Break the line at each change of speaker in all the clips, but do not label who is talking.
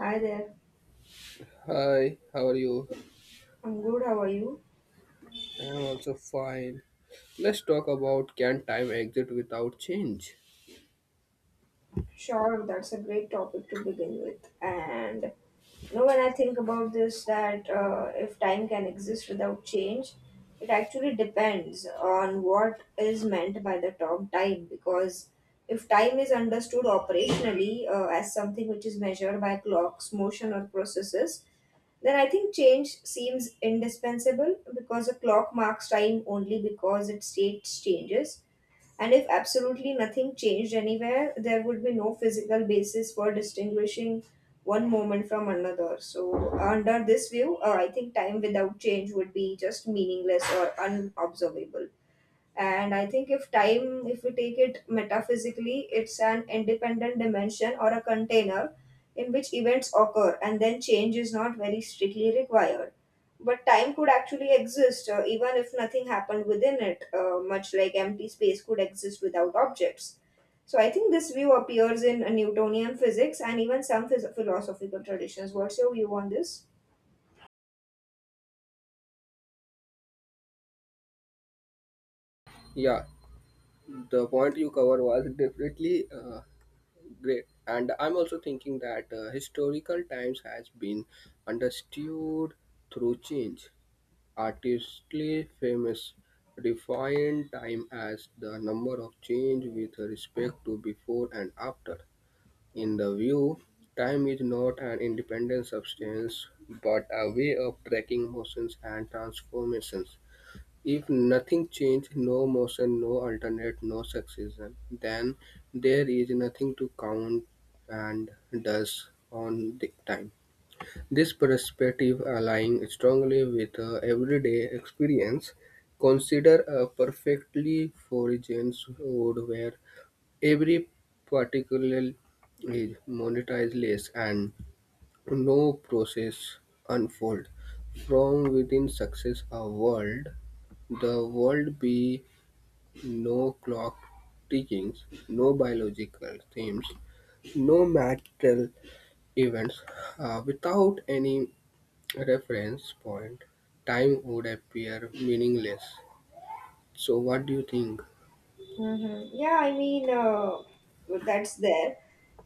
Hi there.
Hi, how are you?
I'm good. How are you?
I'm also fine. Let's talk about can time exist without change?
Sure, that's a great topic to begin with. And you know, when I think about this, that if time can exist without change, it actually depends on what is meant by the term time. Because if time is understood operationally as something which is measured by clocks, motion, or processes, then I think change seems indispensable because a clock marks time only because its state changes. And if absolutely nothing changed anywhere, there would be no physical basis for distinguishing one moment from another. So, under this view, I think time without change would be just meaningless or unobservable. And I think if time, if we take it metaphysically, it's an independent dimension or a container in which events occur, and then change is not very strictly required, but time could actually exist even if nothing happened within it, much like empty space could exist without objects. So I think this view appears in Newtonian physics and even some philosophical traditions. What's your view on this?
Yeah, the point you covered was definitely great. And I'm also thinking that historical times has been understood through change. Artistly famous defined time as the number of change with respect to before and after. In the view, time is not an independent substance but a way of tracking motions and transformations. If nothing changes, no motion, no alternate, no succession, then there is nothing to count and thus on the time. This perspective aligns strongly with everyday experience. Consider a perfectly foraged wood where every particle is monetized less, and no process unfold from within success a world. The world be no clock tickings, no biological themes, no material events. Without any reference point, time would appear meaningless. So what do you think?
Hmm. Yeah, I mean, that's there.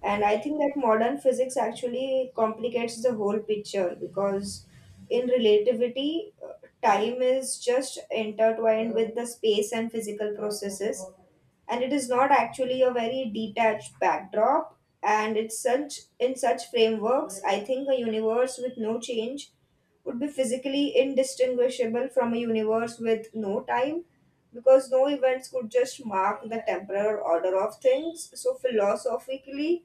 And I think that modern physics actually complicates the whole picture because in relativity, time is just intertwined with the space and physical processes, and it is not actually a very detached backdrop. And it's such, in such frameworks, I think a universe with no change would be physically indistinguishable from a universe with no time, because no events could just mark the temporal order of things. So philosophically,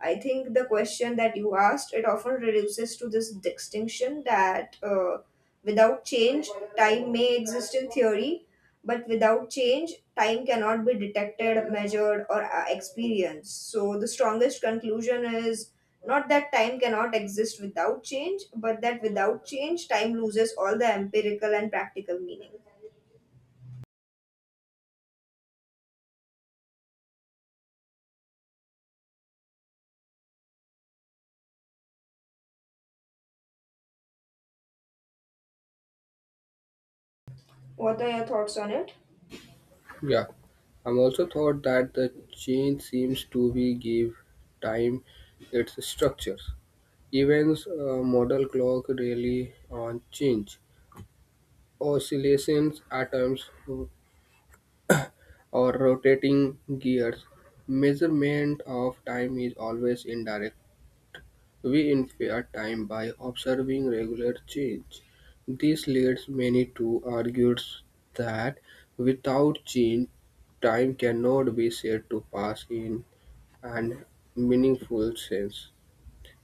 I think the question that you asked, it often reduces to this distinction that, without change, time may exist in theory, but without change, time cannot be detected, measured, or experienced. So the strongest conclusion is not that time cannot exist without change, but that without change, time loses all the empirical and practical meaning. What are your thoughts on it?
Yeah, I'm also thought that the change seems to be give time its structure. Events model clock really on change. Oscillations, atoms, or rotating gears. Measurement of time is always indirect. We infer time by observing regular change. This leads many to argue that without change, time cannot be said to pass in and meaningful sense.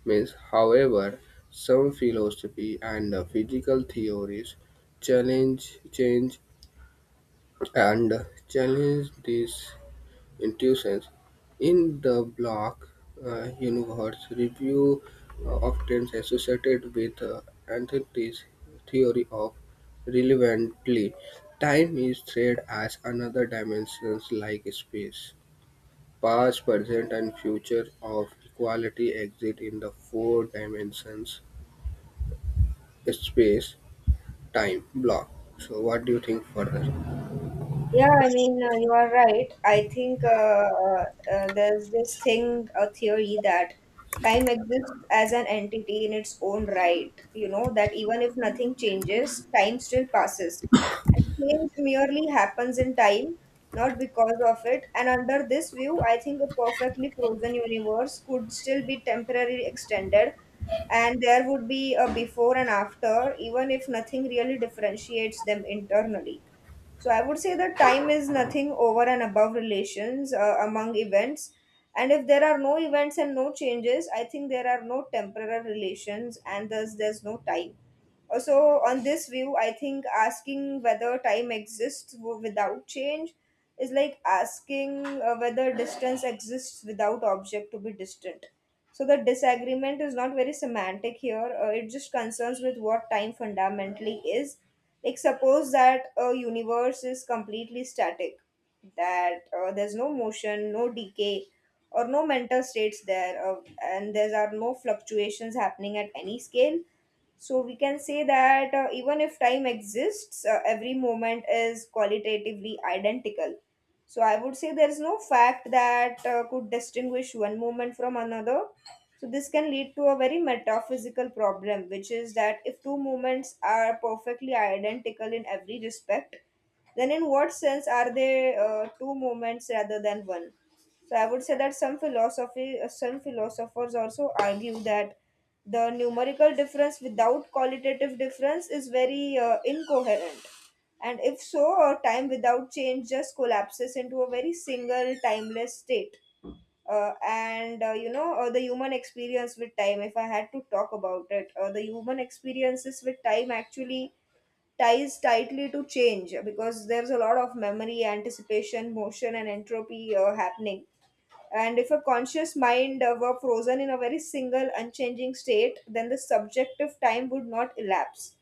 Means, however, some philosophy and physical theories challenge change and challenge these intuitions. In the block universe review often associated with Anthony's theory of relevantly time is treated as another dimension like space. Past, present, and future of equality exist in the four dimensions space, time, block. So, what do you think further?
Yeah, I mean, you are right. I think there's this thing, a theory that time exists as an entity in its own right. You know, that even if nothing changes, time still passes. And change merely happens in time, not because of it. And under this view, I think a perfectly frozen universe could still be temporarily extended, and there would be a before and after, even if nothing really differentiates them internally. So I would say that time is nothing over and above relations among events. And if there are no events and no changes, I think there are no temporal relations, and thus there's no time. So, on this view, I think asking whether time exists without change is like asking whether distance exists without object to be distant. So, the disagreement is not very semantic here, it just concerns with what time fundamentally is. Like, suppose that a universe is completely static, that there's no motion, no decay, or no mental states there, and there are no fluctuations happening at any scale. So we can say that, even if time exists, every moment is qualitatively identical. So I would say there is no fact that could distinguish one moment from another. So this can lead to a very metaphysical problem, which is that if two moments are perfectly identical in every respect, then in what sense are they two moments rather than one? So I would say that some philosophers also argue that the numerical difference without qualitative difference is very incoherent. And if so, time without change just collapses into a very single timeless state. And you know, the human experience with time, if I had to talk about it, the human experiences with time actually ties tightly to change, because there's a lot of memory, anticipation, motion, and entropy happening. And if a conscious mind were frozen in a very single, unchanging state, then the subjective time would not elapse.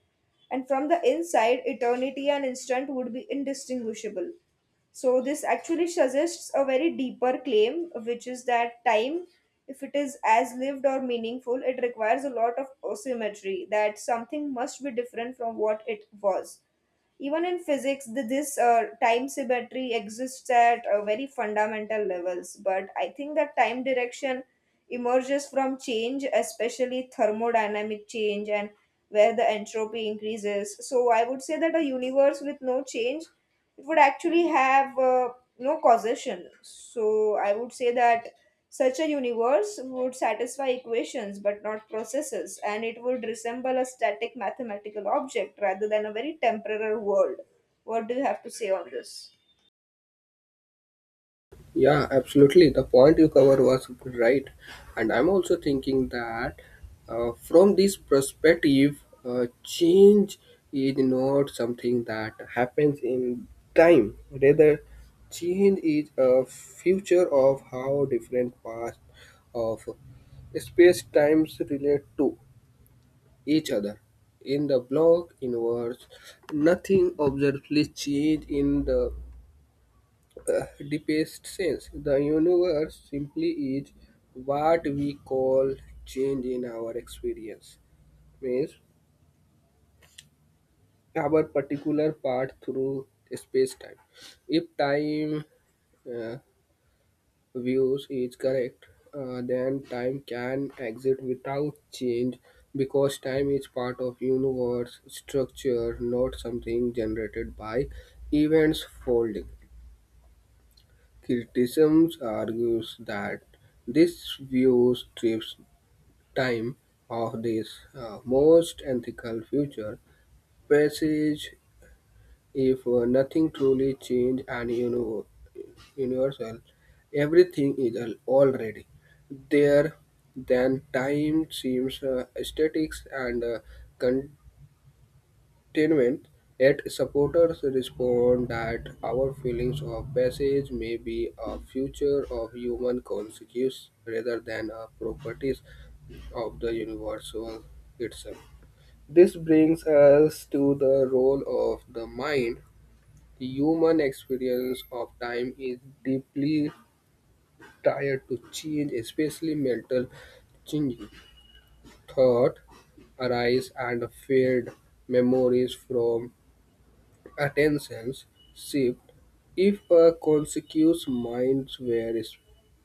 And from the inside, eternity and instant would be indistinguishable. So, this actually suggests a very deeper claim, which is that time, if it is as lived or meaningful, it requires a lot of asymmetry, that something must be different from what it was. Even in physics, this time symmetry exists at very fundamental levels, but I think that time direction emerges from change, especially thermodynamic change, and where the entropy increases. So I would say that a universe with no change, it would actually have no causation. So I would say that such a universe would satisfy equations but not processes, and it would resemble a static mathematical object rather than a very temporal world. What do you have to say on this?
Yeah, absolutely. The point you covered was right. And I'm also thinking that from this perspective, change is not something that happens in time. Rather, change is a feature of how different parts of space times relate to each other. In the block inverse, nothing observably changes in the deepest sense. The universe simply is what we call change in our experience, means our particular path through space time. If time uh, views is correct, then time can exist without change because time is part of universe structure, not something generated by events folding. Criticisms argues that this view strips time of this most ethical future passage. If nothing truly changed and universal, everything is already there, then time seems aesthetics and containment. Yet supporters respond that our feelings of passage may be a future of human consciousness rather than a properties of the universal itself. This brings us to the role of the mind. The human experience of time is deeply tied to change, especially mental changing. Thought arise and fade, memories from attentions shift. If a conscious mind were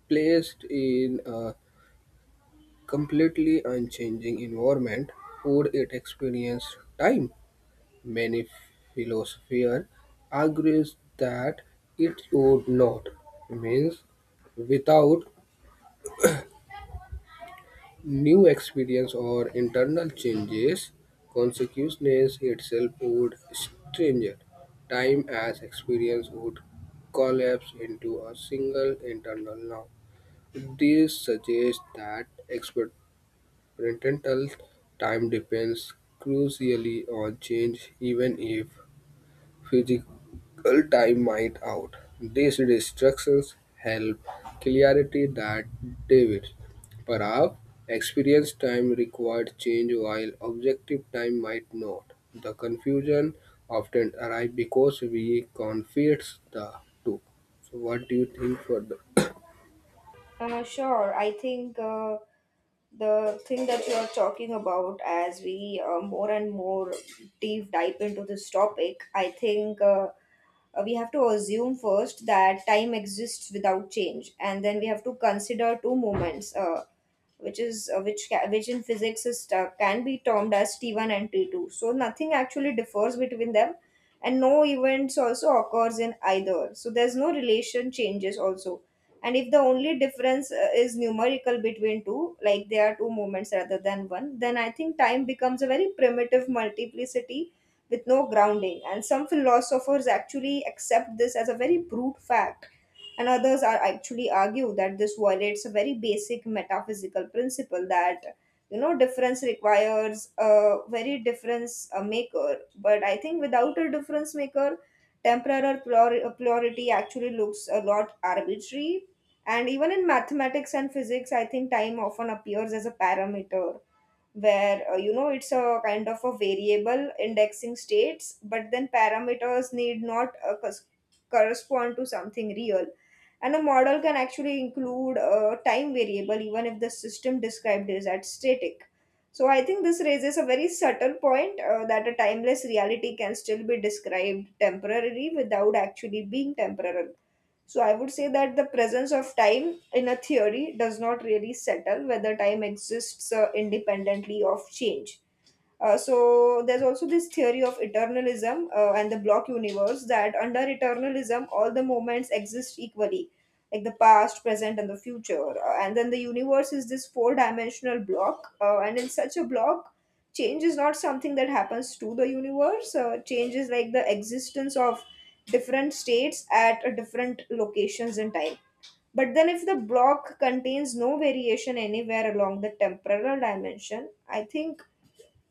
placed in a completely unchanging environment, would it experience time? Many philosophers argue that it would not, means without new experience or internal changes, consciousness itself would stringe. Time as experience would collapse into a single internal now. This suggests that experimental time depends crucially on change, even if physical time might out. These distractions help clarity that David Parab experience time required change while objective time might not. The confusion often arrives because we confuse the two. So what do you think for the
Sure, I think the thing that you are talking about, as we more and more deep dive into this topic, I think. We have to assume first that time exists without change, and then we have to consider two moments, which in physics is can be termed as T1 and T2. So nothing actually differs between them, and no events also occurs in either. So there's no relation changes also. And if the only difference is numerical between two, like there are two movements rather than one, then I think time becomes a very primitive multiplicity with no grounding. And some philosophers actually accept this as a very brute fact, and others are actually argue that this violates a very basic metaphysical principle, that, you know, difference requires a very difference maker. But I think without a difference maker, temporal plurality actually looks a lot arbitrary. And even in mathematics and physics, I think time often appears as a parameter, where, you know, it's a kind of a variable indexing states, but then parameters need not correspond to something real. And a model can actually include a time variable even if the system described is at static. So I think this raises a very subtle point, that a timeless reality can still be described temporarily without actually being temporal. So I would say that the presence of time in a theory does not really settle whether time exists independently of change. So there's also this theory of eternalism and the block universe, that under eternalism all the moments exist equally, like the past, present and the future. And then the universe is this four dimensional block, and in such a block, change is not something that happens to the universe. Change is like the existence of different states at different locations in time. But then, if the block contains no variation anywhere along the temporal dimension, I think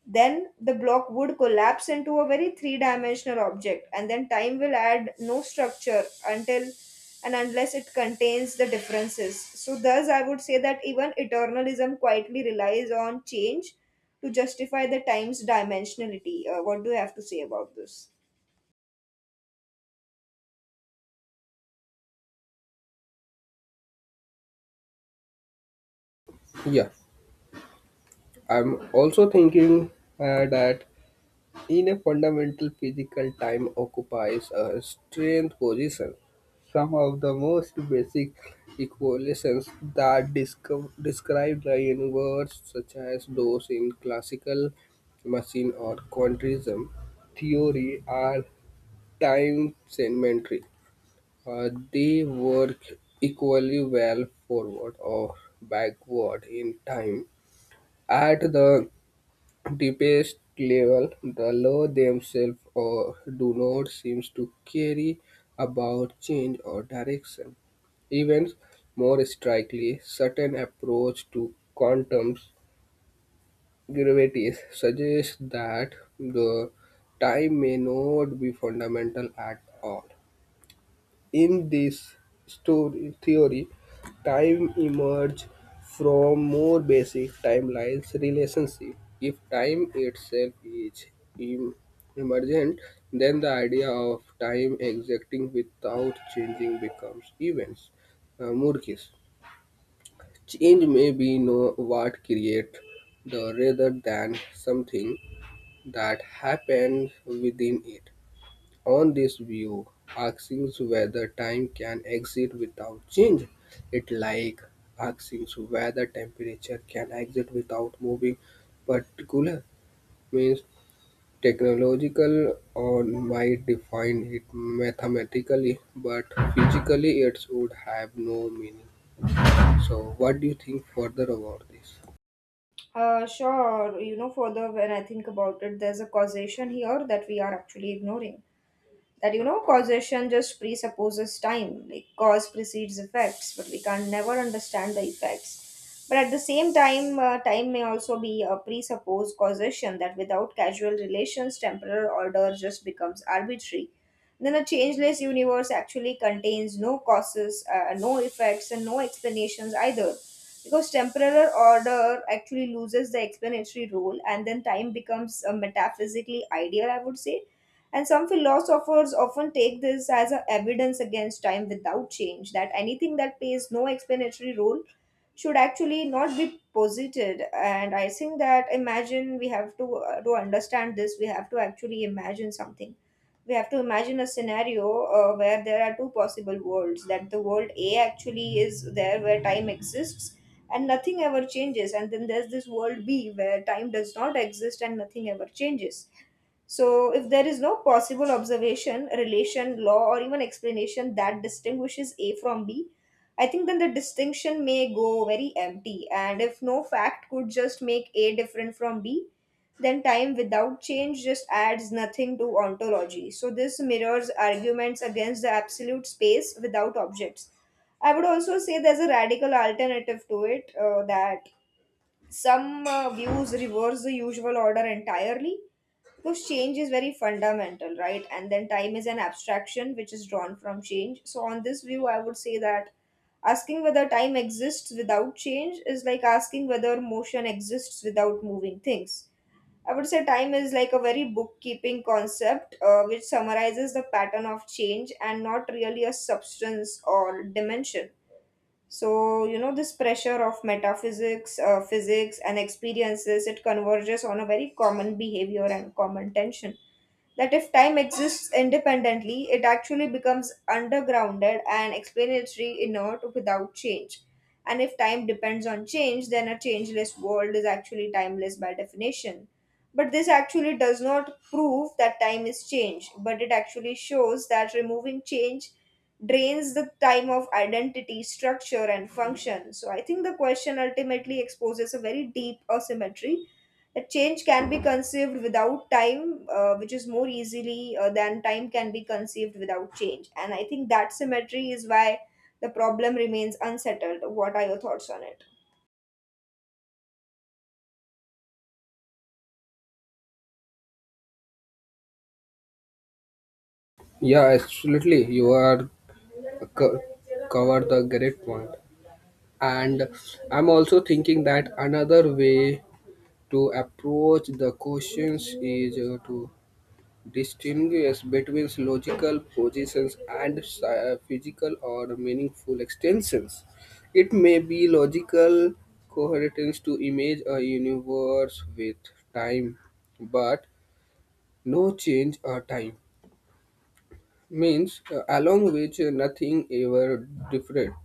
then the block would collapse into a very three dimensional object, and then time will add no structure until and unless it contains the differences. So thus I would say that even eternalism quietly relies on change to justify the time's dimensionality. What do you have to say about this?
yeah? I'm also thinking that in a fundamental physical, time occupies a strength position. Some of the most basic equations that describe the universe, such as those in classical machine or quantism theory, are time segmentary. They work equally well forward or backward in time at the deepest level, the law themselves or do not seems to carry about change or direction. Even more strikingly, certain approach to quantum gravity suggests that the time may not be fundamental at all. In this story theory, time emerges from more basic timelines relationship. If time itself is em- emergent, then the idea of time existing without changing becomes events. Murkis. Change may be know what create the rather than something that happens within it. On this view, asking whether time can exist without change, it like asking whether temperature can exist without moving particular means technological or might define it mathematically but physically it would have no meaning. So what do you think further about this?
Sure, you know, further, when I think about it, there's a causation here that we are actually ignoring, that, you know, causation just presupposes time, like cause precedes effects, but we can never understand the effects. But at the same time, time may also be a presupposed causation, that without casual relations temporal order just becomes arbitrary. Then a changeless universe actually contains no causes, no effects and no explanations either, because temporal order actually loses the explanatory role, and then time becomes metaphysically ideal, I would say. And some philosophers often take this as a evidence against time without change, that anything that plays no explanatory role should actually not be posited. And I think that, imagine, we have to understand this, we have to actually imagine something. We have to imagine a scenario where there are two possible worlds, that the world A actually is there where time exists and nothing ever changes, and then there's this world B where time does not exist and nothing ever changes. So, if there is no possible observation, relation, law, or even explanation that distinguishes A from B, I think then the distinction may go very empty. And if no fact could just make A different from B, then time without change just adds nothing to ontology. So, this mirrors arguments against the absolute space without objects. I would also say there's a radical alternative to it, that some views reverse the usual order entirely, because change is very fundamental, right? And then time is an abstraction which is drawn from change. So, on this view, I would say that asking whether time exists without change is like asking whether motion exists without moving things. I would say time is like a very bookkeeping concept which summarizes the pattern of change and not really a substance or dimension. So, this pressure of metaphysics, physics, and experiences, it converges on a very common behavior and common tension that if time exists independently, it actually becomes undergrounded and explanatory inert without change. And if time depends on change, then a changeless world is actually timeless by definition. But this actually does not prove that time is change, but it actually shows that removing change drains the time of identity, structure, and function. So I think the question ultimately exposes a very deep asymmetry. A change can be conceived without time, which is more easily than time can be conceived without change. And I think that symmetry is why the problem remains unsettled. What are your thoughts on it?
Yeah, absolutely. You are co- covered the great point. And I'm also thinking that another way to approach the questions is to distinguish between logical positions and physical or meaningful extensions. It may be logical coherence to image a universe with time, but no change or time means along which nothing ever different.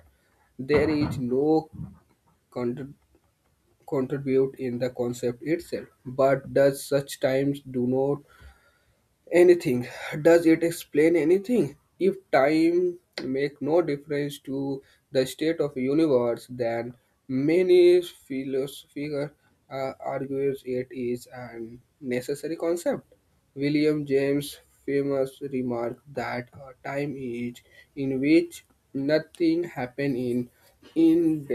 There is no contribute in the concept itself, but does such times do not anything. Does it explain anything? If time make no difference to the state of universe, then many philosophers argues it is an necessary concept. William James famous remark that a time is in which nothing happen in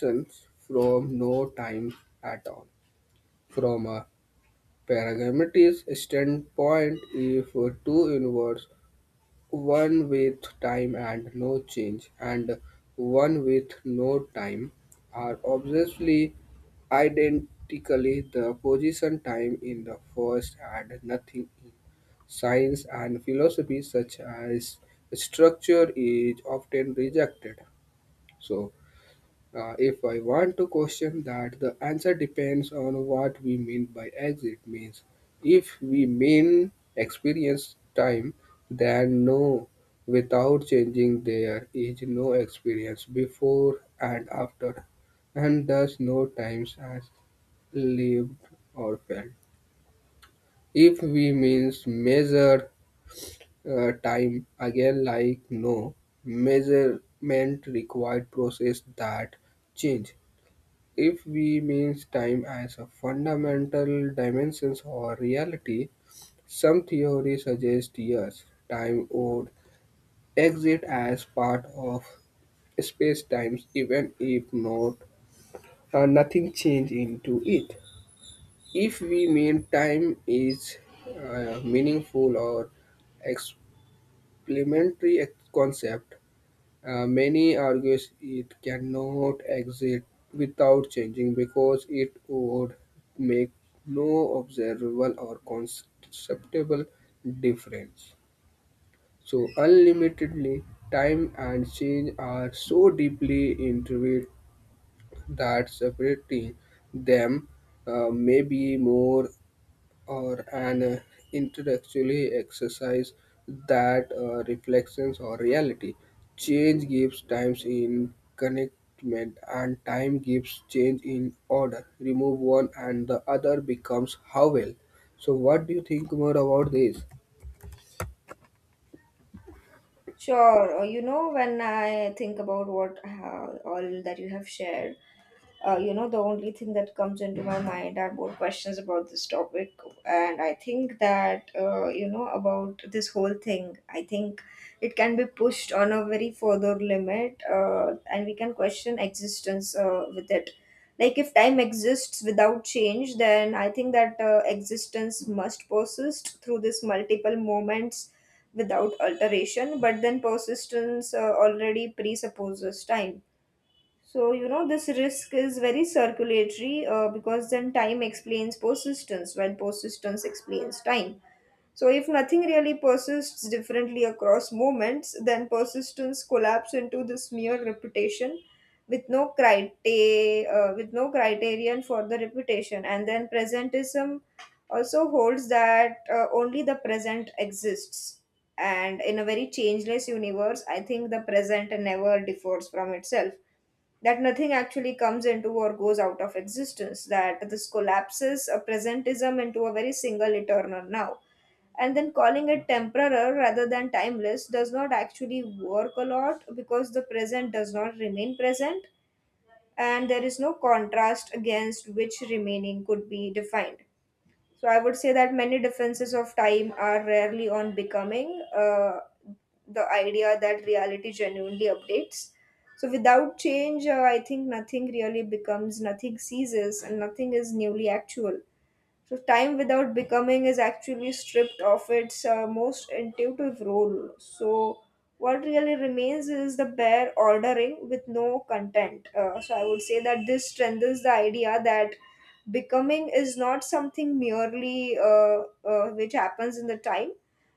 from no time at all from a paradigmatic standpoint if two inwards, one with time and no change, and one with no time, are obviously identically the position time in the first and nothing in science and philosophy such as structure is often rejected. So if I want to question that, the answer depends on what we mean by exit means. If we mean experience time, then no. Without changing, there is no experience before and after, and thus no times as lived or felt. If we means measure time again, like no measurement required process that change. If we means time as a fundamental dimension or reality, some theories suggest yes, time would exist as part of space-time even if not nothing change into it. If we mean time is meaningful or explanatory concept, many argues it cannot exist without changing because it would make no observable or conceptual difference. So, unlimitedly, time and change are so deeply intricate that separating them may be more or an intellectually exercise that reflections or reality. Change gives times in connectment and time gives change in order. Remove one and the other becomes how well. So what do you think more about this?
Sure, when I think about what all that you have shared, the only thing that comes into my mind are more questions about this topic, and I think that about this whole thing I think it can be pushed on a very further limit, and we can question existence with it. Like, if time exists without change, then I think that existence must persist through this multiple moments without alteration, but then persistence already presupposes time. So, this risk is very circulatory, because then time explains persistence, while persistence explains time. So, if nothing really persists differently across moments, then persistence collapses into this mere reputation with no criteria, with no criterion for the reputation. And then presentism also holds that only the present exists. And in a very changeless universe, I think the present never differs from itself, that nothing actually comes into or goes out of existence, that this collapses a presentism into a very single eternal now. And then calling it temporal rather than timeless does not actually work a lot, because the present does not remain present and there is no contrast against which remaining could be defined. So I would say that many defenses of time are rarely on becoming, the idea that reality genuinely updates. So without change, I think nothing really becomes, nothing ceases, and nothing is newly actual. So time without becoming is actually stripped of its most intuitive role. So what really remains is the bare ordering with no content. So I would say that this strengthens the idea that becoming is not something merely which happens in the time,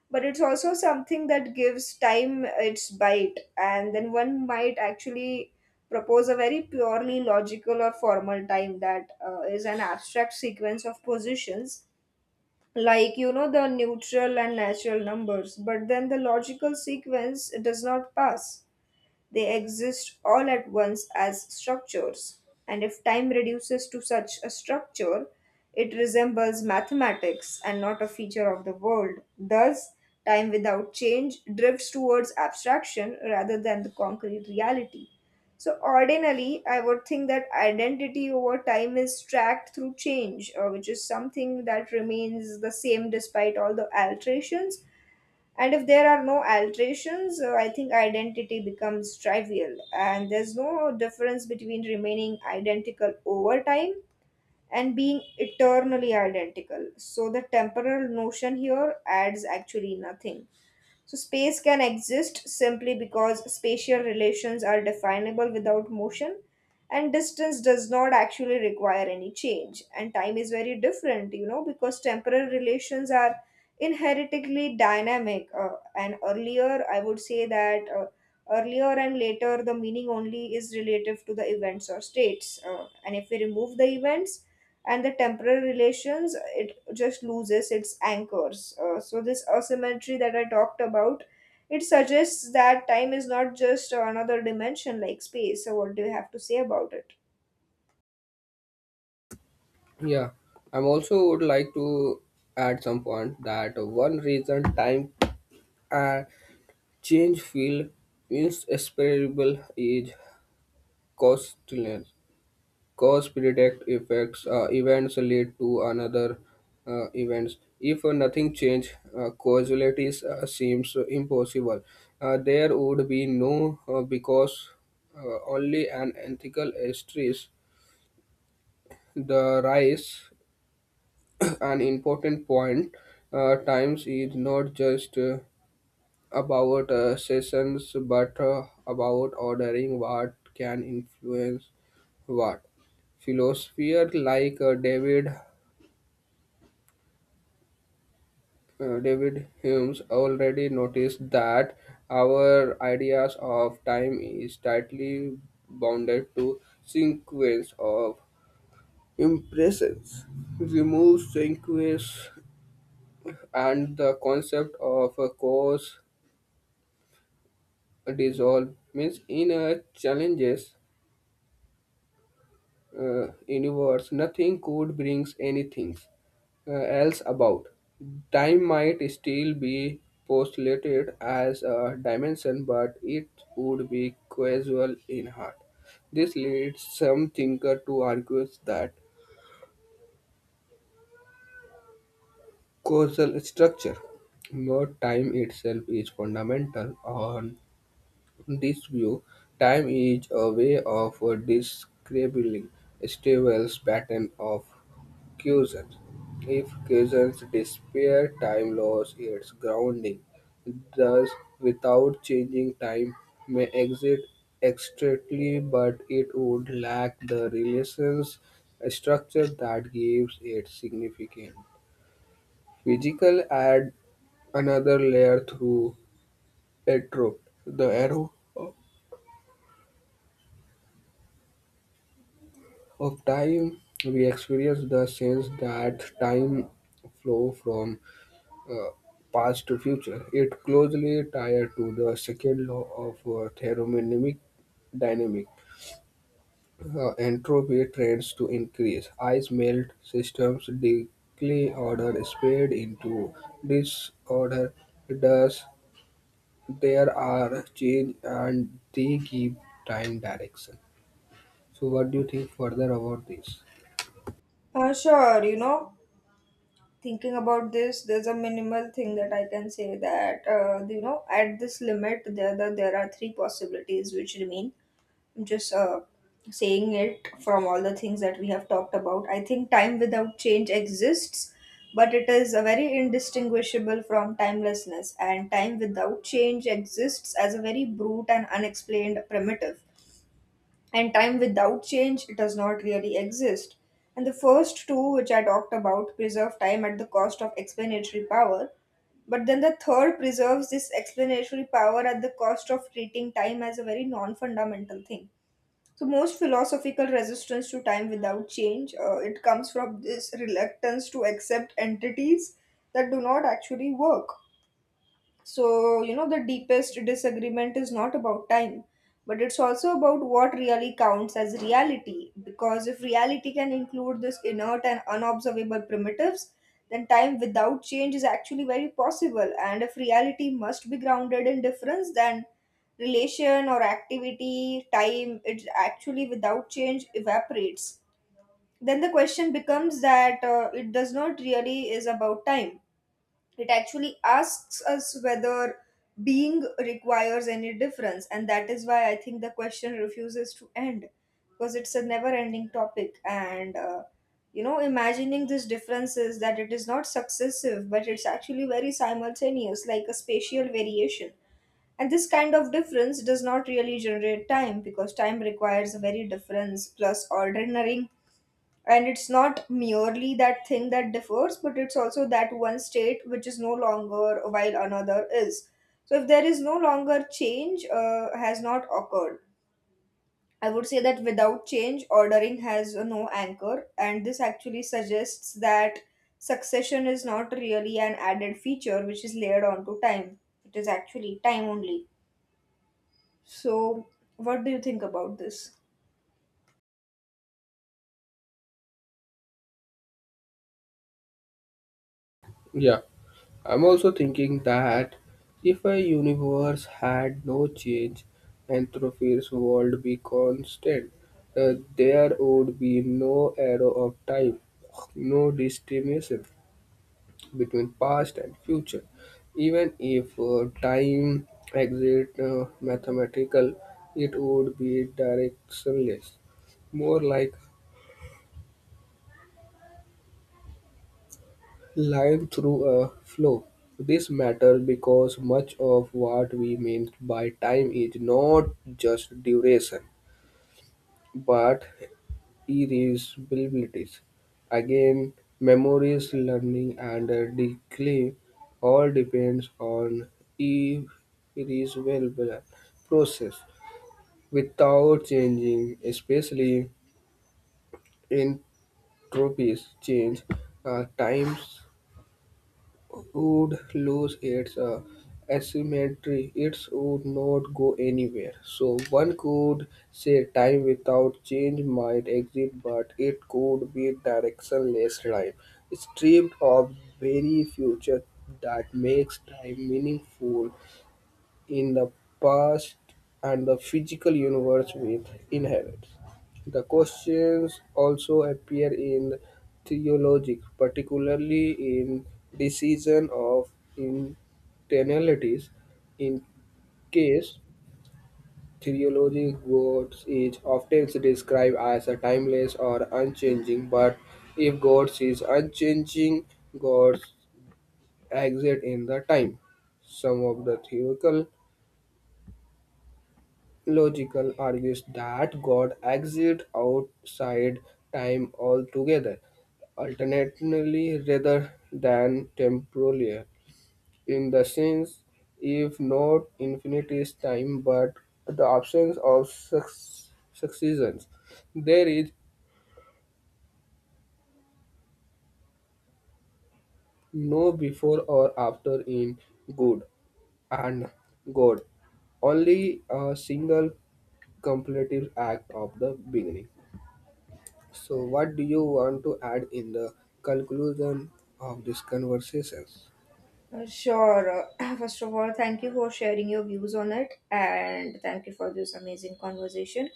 but it's also something that gives time its bite. And then one might actually propose a very purely logical or formal time that is an abstract sequence of positions, like you know the neutral and natural numbers. But then the logical sequence does not pass, they exist all at once as structures, and if time reduces to such a structure, it resembles mathematics and not a feature of the world. Thus, time without change drifts towards abstraction rather than the concrete reality. So, ordinarily, I would think that identity over time is tracked through change, which is something that remains the same despite all the alterations. And if there are no alterations, I think identity becomes trivial, and there's no difference between remaining identical over time and being eternally identical. So the temporal notion here adds actually nothing. So space can exist simply because spatial relations are definable without motion, and distance does not actually require any change. And time is very different, you know, because temporal relations are inherently dynamic, and earlier I would say that earlier and later the meaning only is relative to the events or states, and if we remove the events and the temporary relations, it just loses its anchors. So this asymmetry that I talked about, it suggests that time is not just another dimension like space. So what do you have to say about it?
Yeah, I'm also would like to add some point that one reason time uh, change feel insperable is costliness. Because predict effects events lead to another events. If nothing change, causality seems impossible. There would be no because only an ethical stress. The rise an important point. Times is not just about sessions, but about ordering what can influence what. Philosophers like David Hume's already noticed that our ideas of time is tightly bounded to sequence of impressions. Remove sequence and the concept of a cause dissolve means in a challenges universe nothing could brings anything else about. Time might still be postulated as a dimension, but it would be causal in heart. This leads some thinker to argue that causal structure, not time itself, is fundamental. On this view, time is a way of describing stable pattern of cushions. If cushions disappear, time loses its grounding. Thus, without changing, time may exist externally, but it would lack the relations structure that gives it significance. Physical add another layer through atrophy. The arrow of time we experience the sense that time flow from uh, past to future, it closely tied to the second law of thermodynamic dynamic. Entropy trends to increase. Ice melt systems decay order spread into disorder. Thus, there are change and they give time direction. So, what do you think further about this?
Sure, thinking about this, there's a minimal thing that I can say, that, at this limit, there are three possibilities which remain. Just saying it from all the things that we have talked about, I think time without change exists, but it is a very indistinguishable from timelessness, and time without change exists as a very brute and unexplained primitive. And time without change does not really exist. And the first two, which I talked about, preserve time at the cost of explanatory power. But then the third preserves this explanatory power at the cost of treating time as a very non fundamental thing. So most philosophical resistance to time without change, it comes from this reluctance to accept entities that do not actually work. So, the deepest disagreement is not about time, but it's also about what really counts as reality. Because if reality can include this inert and unobservable primitives, then time without change is actually very possible. And if reality must be grounded in difference, then relation or activity, time, it actually without change evaporates. Then the question becomes that it does not really is about time, it actually asks us whether being requires any difference, and that is why I think the question refuses to end, because it's a never ending topic. And imagining this difference is that it is not successive, but it's actually very simultaneous, like a spatial variation. And this kind of difference does not really generate time because time requires a very difference plus ordering, and it's not merely that thing that differs, but it's also that one state which is no longer while another is. So if there is no longer change, has not occurred, I would say that without change ordering has, no anchor. And this actually suggests that succession is not really an added feature which is layered onto time, it is actually time only. So what do you think about this?
Yeah, I'm also thinking that if a universe had no change, Anthropy's world be constant, there would be no arrow of time, no distinction between past and future. Even if time exists mathematical, it would be directionless, more like live through a flow. This matters because much of what we mean by time is not just duration, but irreversibilities. Again, memories, learning, and decline all depends on irreversible process. Without changing, especially entropies change, times would lose its asymmetry. It would not go anywhere. So one could say time without change might exist, but it could be directionless time, stripped of very future that makes time meaningful in the past and the physical universe we inherit. The questions also appear in theology, particularly in decision of intentionalities. In case theology, God is often described as a timeless or unchanging, but if God is unchanging, God exists in the time. Some of the theological logical argues that God exists outside time altogether, alternately rather than temporally. In the sense, if not infinite is time, but the absence of successions, there is no before or after in good and God, only a single completive act of the beginning. So, what do you want to add in the conclusion of this conversation?
Sure. First of all, thank you for sharing your views on it, and thank you for this amazing conversation.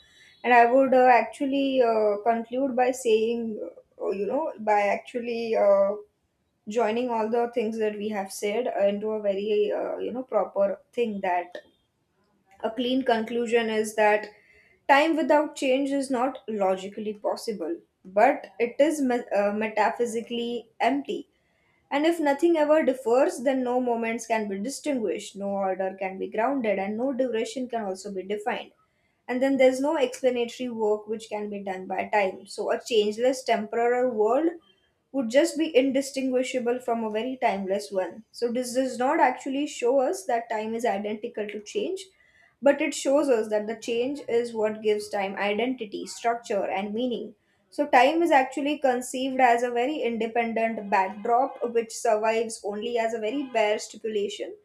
And I would actually conclude by saying, you know, by actually joining all the things that we have said into a very, proper thing, that a clean conclusion is that time without change is not logically possible, but it is metaphysically empty. And if nothing ever differs, then no moments can be distinguished, no order can be grounded, and no duration can also be defined. And then there's no explanatory work which can be done by time. So, a changeless temporal world would just be indistinguishable from a very timeless one. So, this does not actually show us that time is identical to change, but it shows us that the change is what gives time identity, structure, and meaning. So, time is actually conceived as a very independent backdrop which survives only as a very bare stipulation,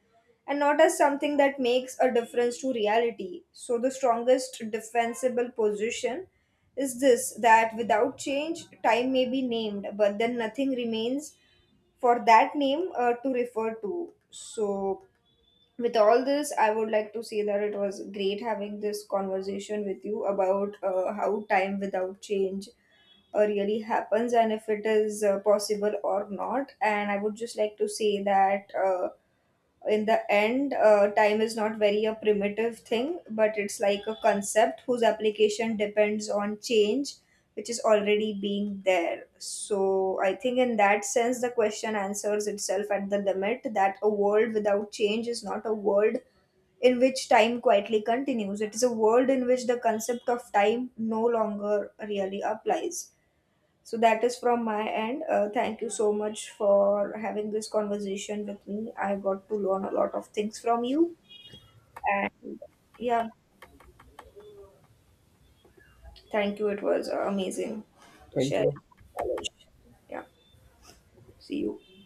and not as something that makes a difference to reality. So, the strongest defensible position is this, that without change, time may be named, but then nothing remains for that name to refer to. So, with all this, I would like to say that it was great having this conversation with you about how time without change really happens, and if it is possible or not. And I would just like to say that. In the end, time is not very a primitive thing, but it's like a concept whose application depends on change which is already being there. So I think in that sense the question answers itself at the limit, that a world without change is not a world in which time quietly continues, it is a world in which the concept of time no longer really applies. So that is from my end. Thank you so much for having this conversation with me. I got to learn a lot of things from you. And yeah, thank you. It was amazing
Thank
sharing
you.
knowledge. Yeah, see you.